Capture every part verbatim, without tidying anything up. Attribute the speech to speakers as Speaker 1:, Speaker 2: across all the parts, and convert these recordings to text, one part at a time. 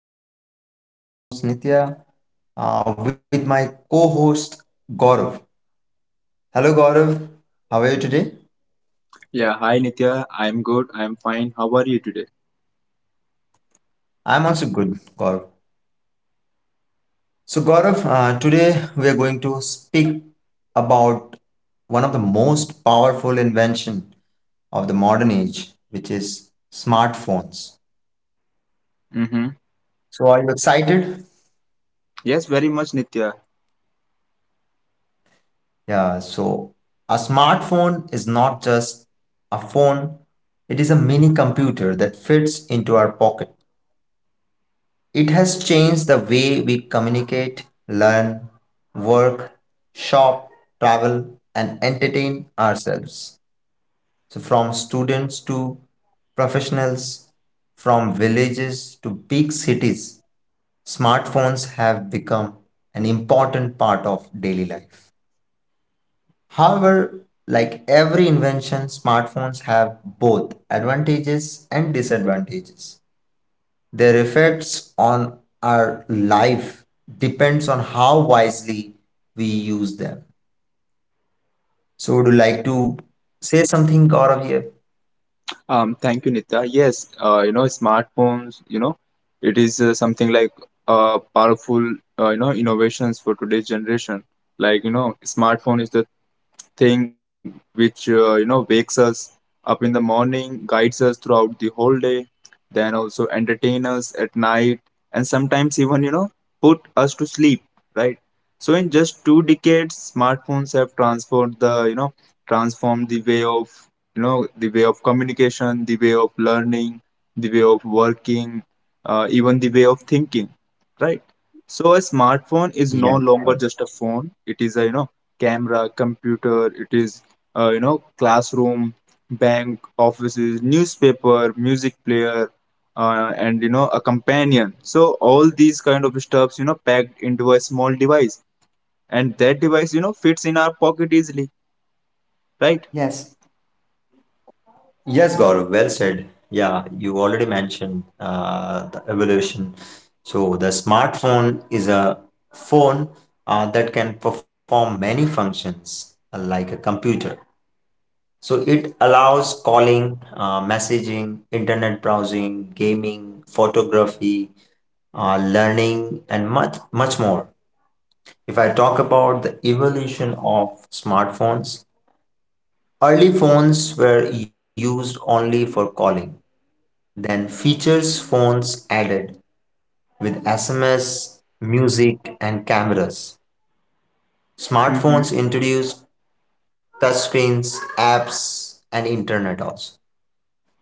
Speaker 1: to my show. I am your host Nitya uh, with my co host Gaurav. Hello Gaurav, how are you today?
Speaker 2: Yeah, hi Nitya. I'm good. I'm fine. How are you today?
Speaker 1: I'm also good, Gaurav. So, Gaurav, uh, today we are going to speak about one of the most powerful invention of the modern age, which is smartphones.
Speaker 2: Mm-hmm.
Speaker 1: So, are you excited?
Speaker 2: Yes, very much, Nitya.
Speaker 1: Yeah, so a smartphone is not just a phone, it is a mini computer that fits into our pocket. It has changed the way we communicate, learn, work, shop, travel, and entertain ourselves. So, from students to professionals, from villages to big cities, smartphones have become an important part of daily life. However, like every invention, smartphones have both advantages and disadvantages. Their effects on our life depends on how wisely we use them. So would you like to say something, Gaurav here?
Speaker 2: Um, thank you, Nitya. Yes, uh, you know, smartphones, you know, it is uh, something like uh, powerful, uh, you know, innovations for today's generation. Like, you know, smartphone is the thing which, uh, you know, wakes us up in the morning, guides us throughout the whole day, then also entertain us at night, and sometimes even you know put us to sleep, right? So in just two decades, smartphones have transformed the you know transformed the way of you know the way of communication, the way of learning, the way of working, uh, even the way of thinking, right? So a smartphone
Speaker 1: Yeah.
Speaker 2: is no
Speaker 1: Gaurav.
Speaker 2: longer just a phone, it is a you know camera, computer, it is uh, you know classroom, bank, offices, newspaper, music player, uh, and you know a companion. So all these kind of stuffs you know packed into a small device, and that device you know fits in our pocket easily, right?
Speaker 1: Yes. Yes, Gaurav, well said. Yeah, you already mentioned uh, the evolution. So the smartphone is a phone uh, that can perform many functions uh, like a computer. So it allows calling, uh, messaging, internet browsing, gaming, photography, uh, learning, and much much more. If I talk about the evolution of smartphones, early phones were used only for calling. Then features phones added with S M S, music, and cameras.
Speaker 2: Mm-hmm.
Speaker 1: Smartphones introduced touchscreens, apps, and internet also.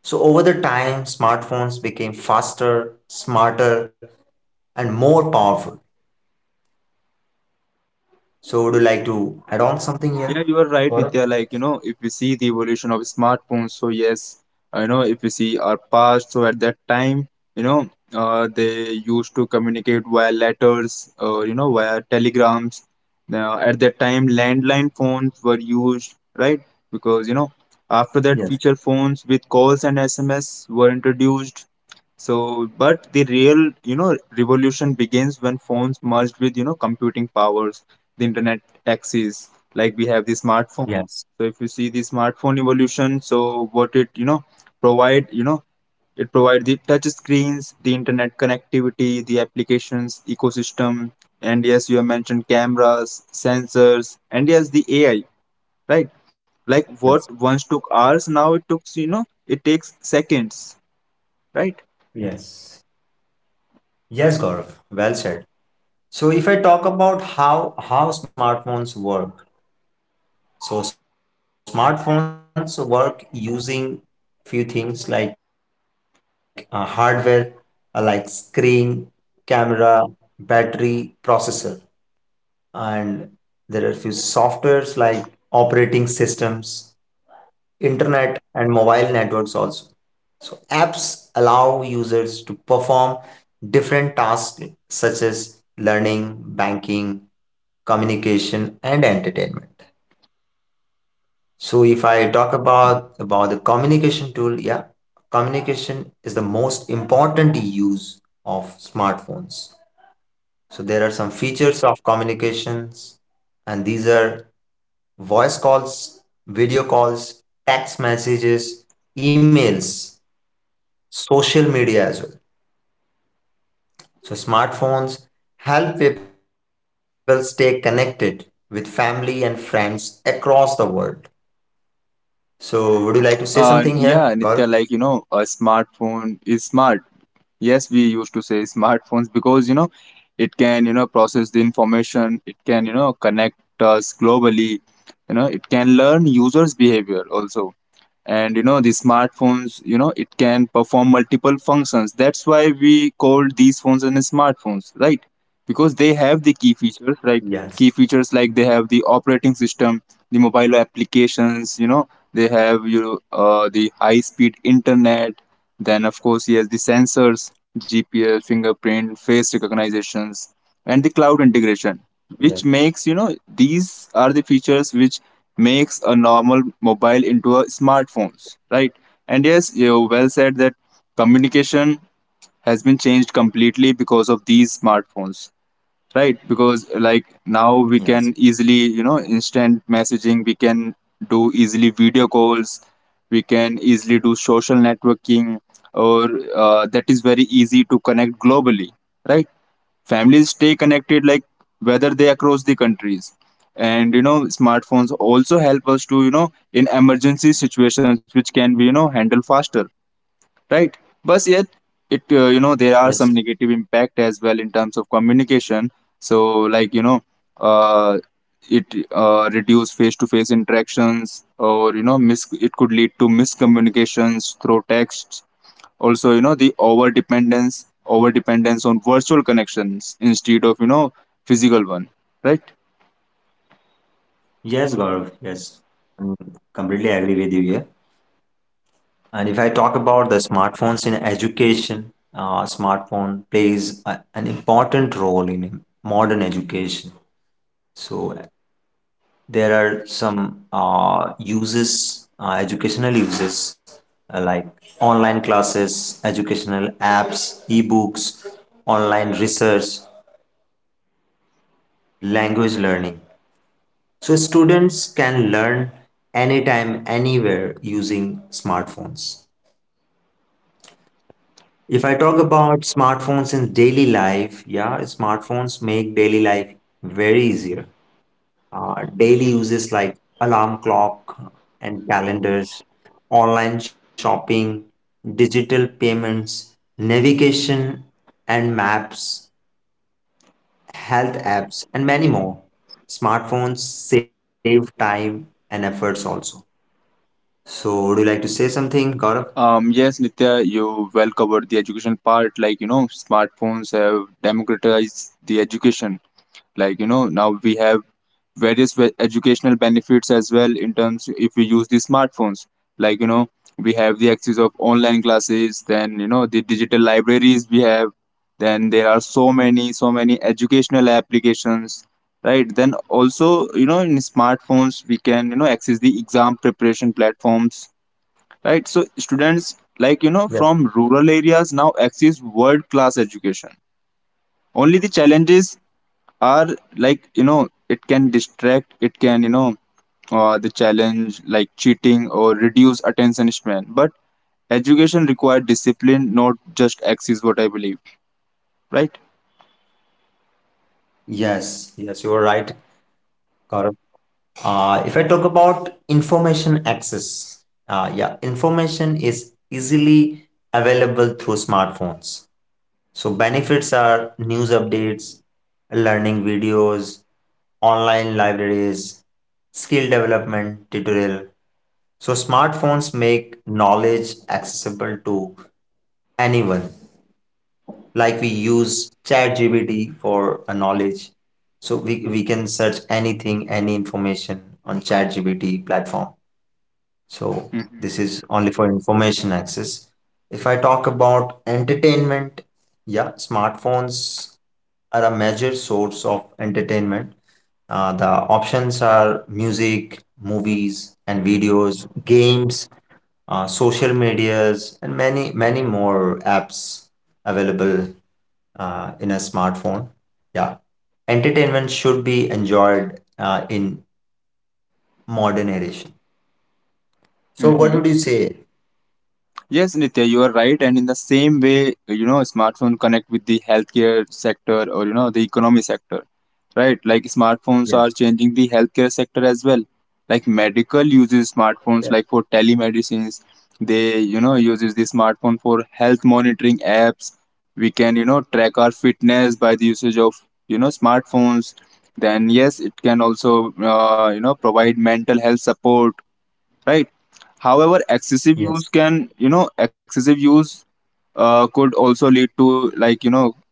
Speaker 1: So over the time, smartphones became faster, smarter, and more powerful. So would you like to add on something here,
Speaker 2: Yeah, you are
Speaker 1: Gaurav?
Speaker 2: right, Nitya. Like, you know, if we see the evolution of smartphones, so yes, I know if we see our past, so at that time, you know, uh, they used to communicate via letters or, you know, via telegrams. Now, at that time, landline phones were used, right? Because, you know, after that,
Speaker 1: Yes,
Speaker 2: feature phones with calls and S M S were introduced. So, but the real, you know, revolution begins when phones merged with, you know, computing powers, the internet axis, like we have the smartphone.
Speaker 1: yes,
Speaker 2: So if you see the smartphone evolution, so what it you know provide you know it provide the touch screens, the internet connectivity, the applications ecosystem, and yes, you have mentioned cameras, sensors, and yes, the AI, right? Like what
Speaker 1: yes,
Speaker 2: once took hours now it took you know it takes seconds, right?
Speaker 1: yes. Yes, Gaurav, well said. So if I talk about how how smartphones work, so smartphones work using few things like uh, hardware, uh, like screen, camera, battery, processor, and there are few softwares like operating systems, internet, and mobile networks also. So apps allow users to perform different tasks such as learning, banking, communication, and entertainment. So if I talk about about the communication tool, yeah, communication is the most important use of smartphones. So there are some features of communications, and these are voice calls, video calls, text messages, emails, social media as well. So smartphones help people stay connected with family and friends across the world. So would you like to say something here, Gaurav?
Speaker 2: Uh yeah, Nitya, like you know, a smartphone is smart. Yes, we used to say smartphones because you know it can you know process the information, it can you know connect us globally, you know it can learn users behavior also, and you know the smartphones you know it can perform multiple functions. That's why we called these phones and smartphones, right? Because they have the key features, right?
Speaker 1: Yes.
Speaker 2: Key features like they have the operating system, the mobile applications, you know they have you uh, the high speed internet, then of course he has the sensors, G P S, fingerprint, face recognitions, and the cloud integration, which
Speaker 1: Yes.
Speaker 2: makes you know these are the features which makes a normal mobile into a smartphones, right? And yes, you well said that communication has been changed completely because of these smartphones, right? Because like now
Speaker 1: Yes,
Speaker 2: we can easily you know instant messaging, we can do easily video calls, we can easily do social networking, or uh, that is very easy to connect globally, right? Families stay connected like whether they across the countries, and you know smartphones also help us to you know in emergency situations which can be you know handle faster, right? But yet, it uh, you know there are some
Speaker 1: yes,
Speaker 2: negative impact as well in terms of communication. So like you know uh, it uh, reduce face to face interactions, or you know mis- it could lead to miscommunications through texts. Also you know the over dependence over dependence on virtual connections instead of you know physical one, right?
Speaker 1: yes, Gaurav. Yes, I'm completely agree with you here. And if I talk about the smartphones in education, uh, smartphone plays a, an important role in modern education. So there are some uh, uses, uh, educational uses uh, like online classes, educational apps, ebooks, online research, language learning. So students can learn anytime, anywhere using smartphones. If I talk about smartphones in daily life, yeah, smartphones make daily life very easier. Uh, daily uses like alarm clock and calendars, online shopping, digital payments, navigation and maps, health apps, and many more. Smartphones save time and efforts also. So, would you like to say something, Gaurav?
Speaker 2: Um yes, Nitya, you well covered the education part. Like you know smartphones have democratized the education. Like you know now we have various ve- educational benefits as well in terms if we use the smartphones. Like you know we have the access of online classes, then you know the digital libraries we have, then there are so many so many educational applications, right? Then also you know in smartphones we can you know access the exam preparation platforms, right? So students like you know
Speaker 1: Yes.
Speaker 2: from rural areas now access world class education. Only the challenges are like you know it can distract, it can you know uh, the challenge like cheating or reduce attention span, but education requires discipline, not just axis, what I believe, right?
Speaker 1: Yes, yes, you are right, Gaurav. Uh, if I talk about information access, uh, yeah, information is easily available through smartphones. So benefits are news updates, learning videos, online libraries, skill development tutorial. So smartphones make knowledge accessible to anyone. Like we use ChatGPT for a knowledge. So we, we can search anything, any information on ChatGPT platform. So this is only for information access. If I talk about entertainment, yeah, smartphones are a major source of entertainment. Uh, the options are music, movies, and videos, games, uh, social medias, and many, many more apps available uh, in a smartphone. Yeah, entertainment should be enjoyed uh, in modern edition. So, what
Speaker 2: Hmm.
Speaker 1: would you say?
Speaker 2: Yes, Nitya, you are right. And in the same way, you know, smartphone connect with the healthcare sector or you know the economy sector, right? Like smartphones are
Speaker 1: Yes.
Speaker 2: changing the healthcare sector as well. Like medical
Speaker 1: Yeah.
Speaker 2: uses smartphones like for telemedicines. They you know uses the smartphone for health monitoring apps. We can you know track our fitness by the usage of you know smartphones. Then yes, it can also uh, you know provide mental health support, right? However, excessive
Speaker 1: Yes.
Speaker 2: use can, you know, excessive use uh, could also lead to like, you know,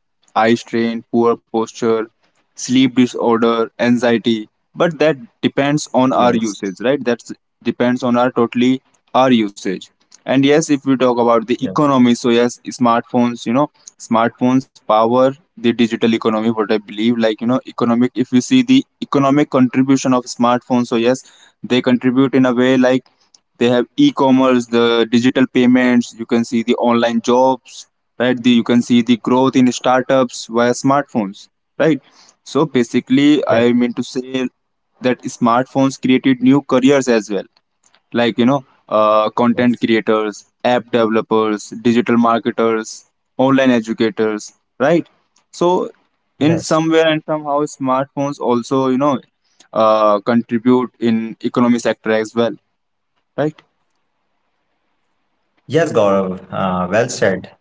Speaker 2: eye strain, poor posture, sleep disorder, anxiety. But that depends
Speaker 1: Yes.
Speaker 2: on our usage, right? That depends on our totally our usage. And yes, if we talk about
Speaker 1: Yes.
Speaker 2: the economy, so yes, smartphones, you know, smartphones power the digital economy, what I believe. Like, you know, economic, if you see the economic contribution of smartphones, so yes, they contribute in a way like they have e-commerce, the digital payments, you can see the online jobs, right? The, you can see the growth in startups via smartphones, right? So basically
Speaker 1: Yes.
Speaker 2: I mean to say that smartphones created new careers as well. Like you know uh,
Speaker 1: Yes.
Speaker 2: content creators, app developers, digital marketers, online educators, right? So in
Speaker 1: Yes.
Speaker 2: somewhere and somehow smartphones also you know uh, contribute in economy sector as well, right?
Speaker 1: Yes, Gaurav. Uh, well said.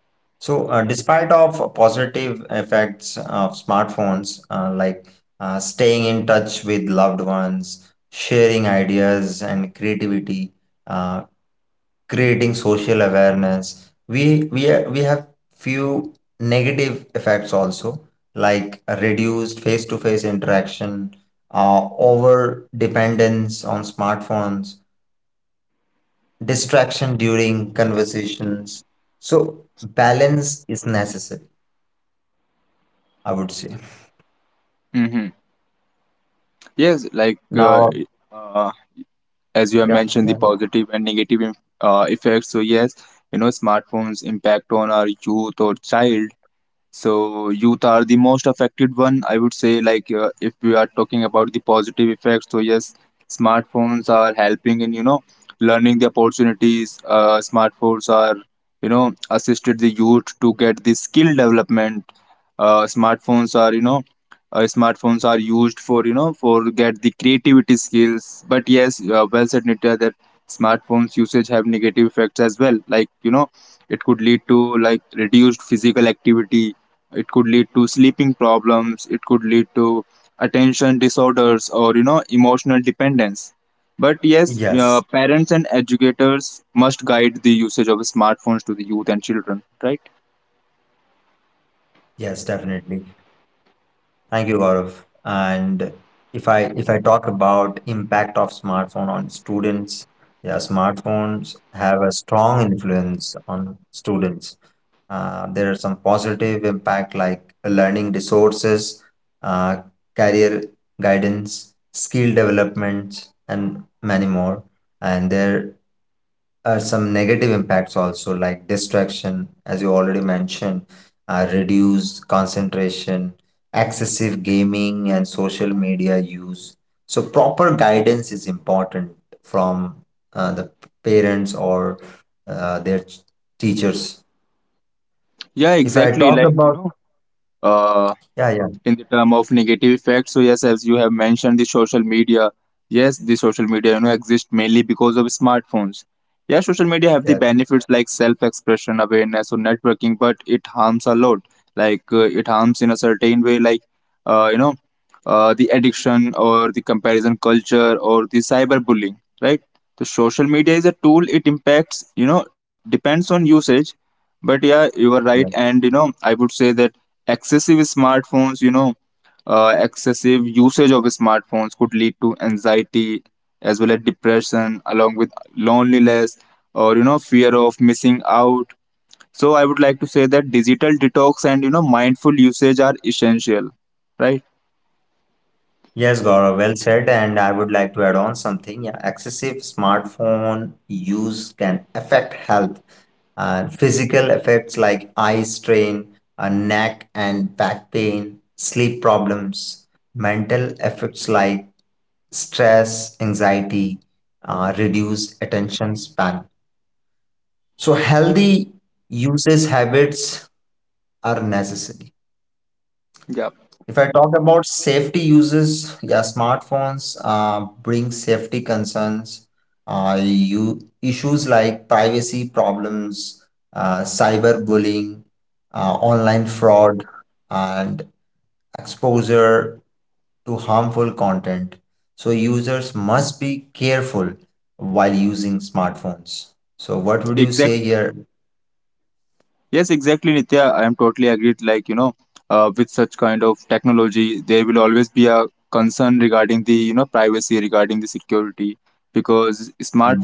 Speaker 1: So, uh, despite of positive effects of smartphones, uh, like uh, staying in touch with loved ones, sharing ideas and creativity, uh, creating social awareness. We we ha- we have few negative effects also, like reduced face-to-face interaction, uh, over dependence on smartphones, distraction during conversations. So balance is necessary, I would say.
Speaker 2: Hmm. Yes, like uh,
Speaker 1: Now,
Speaker 2: uh, as you have
Speaker 1: yeah,
Speaker 2: mentioned, the
Speaker 1: yeah.
Speaker 2: positive and negative im- uh, effects. So yes, you know, smartphones impact on our youth or child. So youth are the most affected one, I would say. Like, uh, if we are talking about the positive effects, so yes, smartphones are helping in you know learning the opportunities. Uh, smartphones are you know assisted the youth to get the skill development. Uh, smartphones are you know uh, Smartphones are used for you know for get the creativity skills. But yes, uh, well said Nitya that smartphones usage have negative effects as well. Like you know, it could lead to like reduced physical activity, it could lead to sleeping problems, it could lead to attention disorders or you know emotional dependence. But yes, uh,
Speaker 1: Yes,
Speaker 2: parents and educators must guide the usage of smartphones to the youth and children.
Speaker 1: yes, definitely. Thank you, Gaurav. And if I if I talk about impact of smartphone on students, yeah, smartphones have a strong influence on students. Uh, there are some positive impact like learning resources, uh, career guidance, skill development, and many more. And there uh, some negative impacts also like distraction as you already mentioned, uh, reduced concentration, excessive gaming and social media use. So proper guidance is important from uh, the parents or uh, their ch- teachers.
Speaker 2: Yeah,
Speaker 1: If I
Speaker 2: exactly,
Speaker 1: talk
Speaker 2: like you
Speaker 1: about,
Speaker 2: know uh,
Speaker 1: yeah, yeah,
Speaker 2: in the term of negative effects, so yes, as you have mentioned the social media, yes, the social media you know exist mainly because of smartphones. Yeah, social media have
Speaker 1: yeah,
Speaker 2: the benefits like self expression, awareness, or networking, but it harms a lot. Like uh, it harms in a certain way like uh, you know uh, the addiction or the comparison culture or the cyberbullying, right? The social media is a tool, it impacts you know depends on usage. But yeah, you are right,
Speaker 1: yeah.
Speaker 2: and you know I would say that excessive smartphones, you know, uh, excessive usage of smartphones could lead to anxiety as well as depression, along with loneliness or you know fear of missing out. So I would like to say that digital detox and you know mindful usage are essential, right?
Speaker 1: Yes, Gaurav, well said. And I would like to add on something. Yeah, excessive smartphone use can affect health. Uh, physical effects like eye strain, uh, neck and back pain, sleep problems, mental effects like stress, anxiety, uh, reduced attention span. So, healthy usage habits are necessary.
Speaker 2: Yeah,
Speaker 1: If I talk about safety uses, yeah, smartphones uh, bring safety concerns, uh, you, issues like privacy problems, uh, cyberbullying, uh, online fraud, and exposure to harmful content. So users must be careful while using smartphones. So what would you say
Speaker 2: exactly.
Speaker 1: here?
Speaker 2: Yes, exactly, Nitya. I am totally agreed. Like, you know, uh, with such kind of technology, there will always be a concern regarding the, you know, privacy, regarding the security, because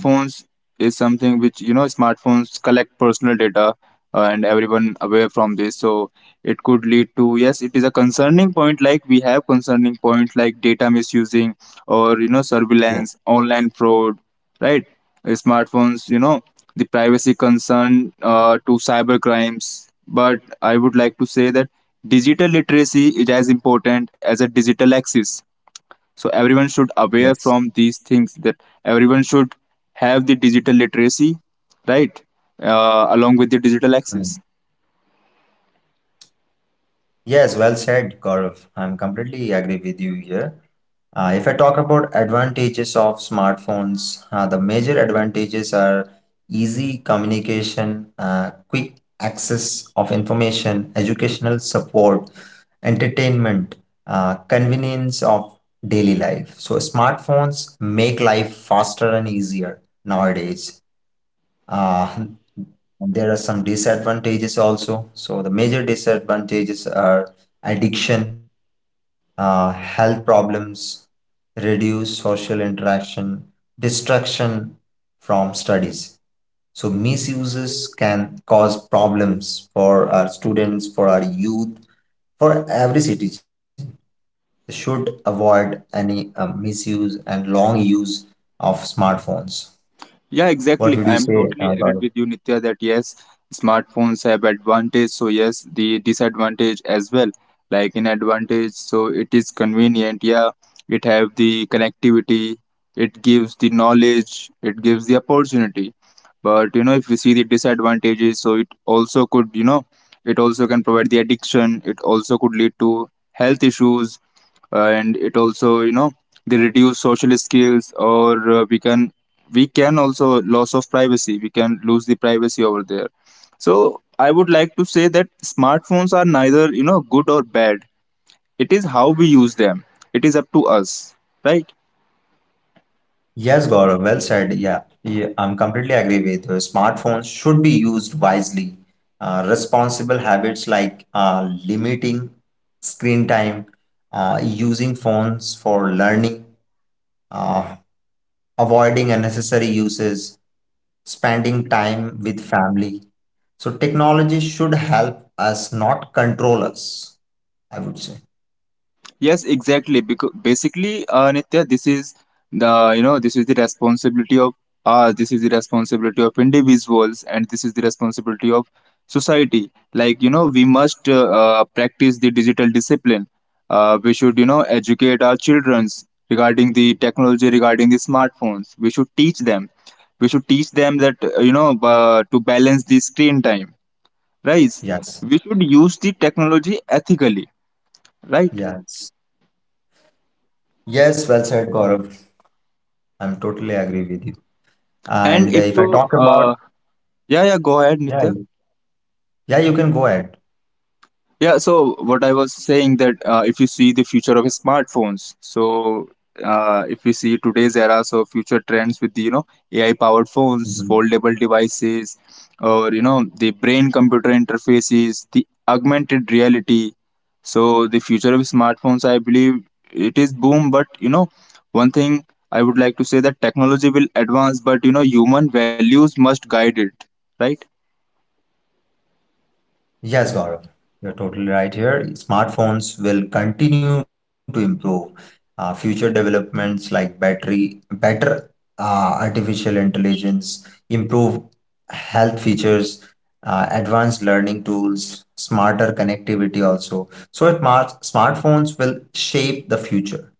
Speaker 1: Mm,
Speaker 2: is something which, you know, smartphones collect personal data uh, and everyone aware from this. So it could lead to, yes, it is a concerning point. Like we have concerning points like data misusing or, you know,
Speaker 1: yes,
Speaker 2: surveillance, online fraud, right? Smartphones, you know, the privacy concern uh, to cyber crimes. But I would like to say that digital literacy is as important as a digital access. So everyone should aware
Speaker 1: yes.
Speaker 2: from these things that everyone should have the digital literacy, right? Uh, along with the digital
Speaker 1: Mm.
Speaker 2: access.
Speaker 1: Yes, well said, Gaurav. I'm completely agree with you here. Uh, if I talk about advantages of smartphones, uh, the major advantages are easy communication, uh, quick access of information, educational support, entertainment, uh, convenience of daily life. So smartphones make life faster and easier nowadays. Uh, there are some disadvantages also. So the major disadvantages are addiction, uh, health problems, reduced social interaction, distraction from studies. So misuses can cause problems for our students, for our youth, for every citizen. They should avoid any uh, misuse and long use of smartphones.
Speaker 2: Yeah,
Speaker 1: What would you
Speaker 2: exactly. I
Speaker 1: say,
Speaker 2: am
Speaker 1: uh,
Speaker 2: totally
Speaker 1: Gaurav?
Speaker 2: agreed with you, Nitya, that yes, smartphones have advantage. So yes, the disadvantage as well. Like in advantage, so it is convenient. Yeah, it have the connectivity. It gives the knowledge. It gives the opportunity. But you know, if we see the disadvantages, so it also could, you know, it also can provide the addiction. It also could lead to health issues, and it also, you know, they reduce social skills, or uh, we can we can also loss of privacy, we can lose the privacy over there. So I would like to say that smartphones are neither you know good or bad, it is how we use them, it is up to us, right?
Speaker 1: Yes, Gaurav, well said. Yeah, yeah, I'm completely agree with you. Smartphones should be used wisely. Uh, responsible habits like uh, limiting screen time, uh, using phones for learning, uh, avoiding unnecessary uses, spending time with family. So technology should help us, not control us, I would say.
Speaker 2: Yes, exactly. Because basically, uh, Nitya, this is the you know this is the responsibility of us. This is the responsibility of individuals, and this is the responsibility of society. Like you know, we must uh, uh, practice the digital discipline. Uh, we should you know educate our childrens regarding the technology, regarding the smartphones. We should teach them. We should teach them that uh, you know uh, to balance the screen time. Right?
Speaker 1: Yes,
Speaker 2: We should use the technology ethically. Right?
Speaker 1: yes. Yes, well said, Gaurav. I'm totally agree with you.
Speaker 2: And
Speaker 1: And uh,
Speaker 2: if
Speaker 1: if I
Speaker 2: you, uh, yeah, yeah, go ahead, Nitya.
Speaker 1: Yeah, you can go ahead.
Speaker 2: Yeah, so what I was saying that uh, if you see the future of smartphones, so uh, if you see today's era, so future trends with the you know A I powered phones,
Speaker 1: Mhm.
Speaker 2: foldable devices, or you know the brain computer interfaces, the augmented reality. So the future of smartphones, I believe it is boom. But you know, one thing I would like to say that technology will advance, but you know human values must guide it, right?
Speaker 1: Yes, Gaurav, you're totally right here. Smartphones will continue to improve. Uh, future developments like battery, better uh, artificial intelligence, improved health features, uh, advanced learning tools, smarter connectivity also. So it mar- smartphones will shape the future.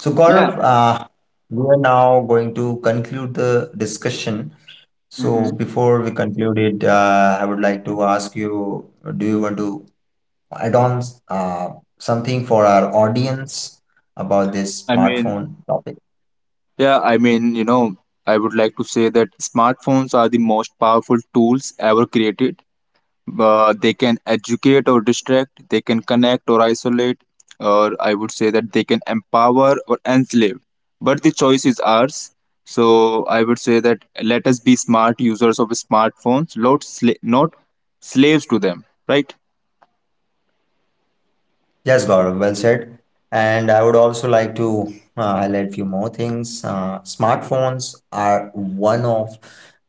Speaker 1: So
Speaker 2: Yeah.
Speaker 1: Gaurav, uh, we are now going to conclude the discussion. So
Speaker 2: Mm-hmm.
Speaker 1: before we conclude it, uh, I would like to ask you, do you want to add on uh, something for our audience about this
Speaker 2: I mean,
Speaker 1: smartphone topic?
Speaker 2: yeah, I mean, you know, I would like to say that smartphones are the most powerful tools ever created. Uh, they can educate or distract, they can connect or isolate, or I would say that they can empower or enslave. But the choice is ours. So I would say that let us be smart users of smartphones, not, sla- not slaves to them, right?
Speaker 1: Yes, Gaurav, well said. And I would also like to uh, highlight few more things. Uh, smartphones are one of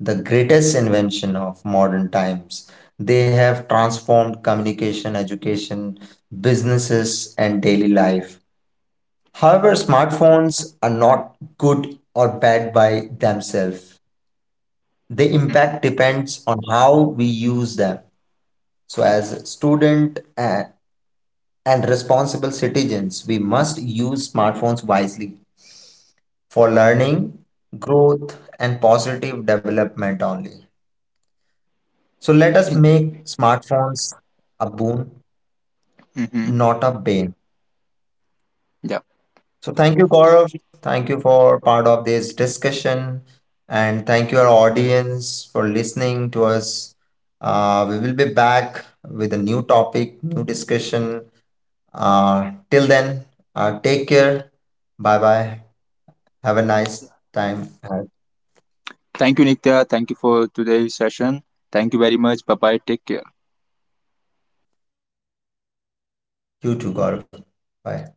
Speaker 1: the greatest invention of modern times. They have transformed communication, education, businesses, and daily life. However, smartphones are not good or bad by themselves. The
Speaker 2: Mm-hmm.
Speaker 1: impact depends on how we use them. So, as student and, and responsible citizens, we must use smartphones wisely for learning, growth, and positive development only. So, let us
Speaker 2: Exactly.
Speaker 1: make smartphones a boon,
Speaker 2: Mm-hmm.
Speaker 1: not a bane.
Speaker 2: Yeah.
Speaker 1: So thank you, Gaurav. Thank you for part of this discussion, and thank you our audience for listening to us. Uh, we will be back with a new topic, new discussion. Uh, till then, uh, take care. Bye bye. Have a nice time ahead.
Speaker 2: Thank you, Nitya. Thank you for today's session. Thank you very much. Bye bye. Take care.
Speaker 1: You too, Gaurav. Bye.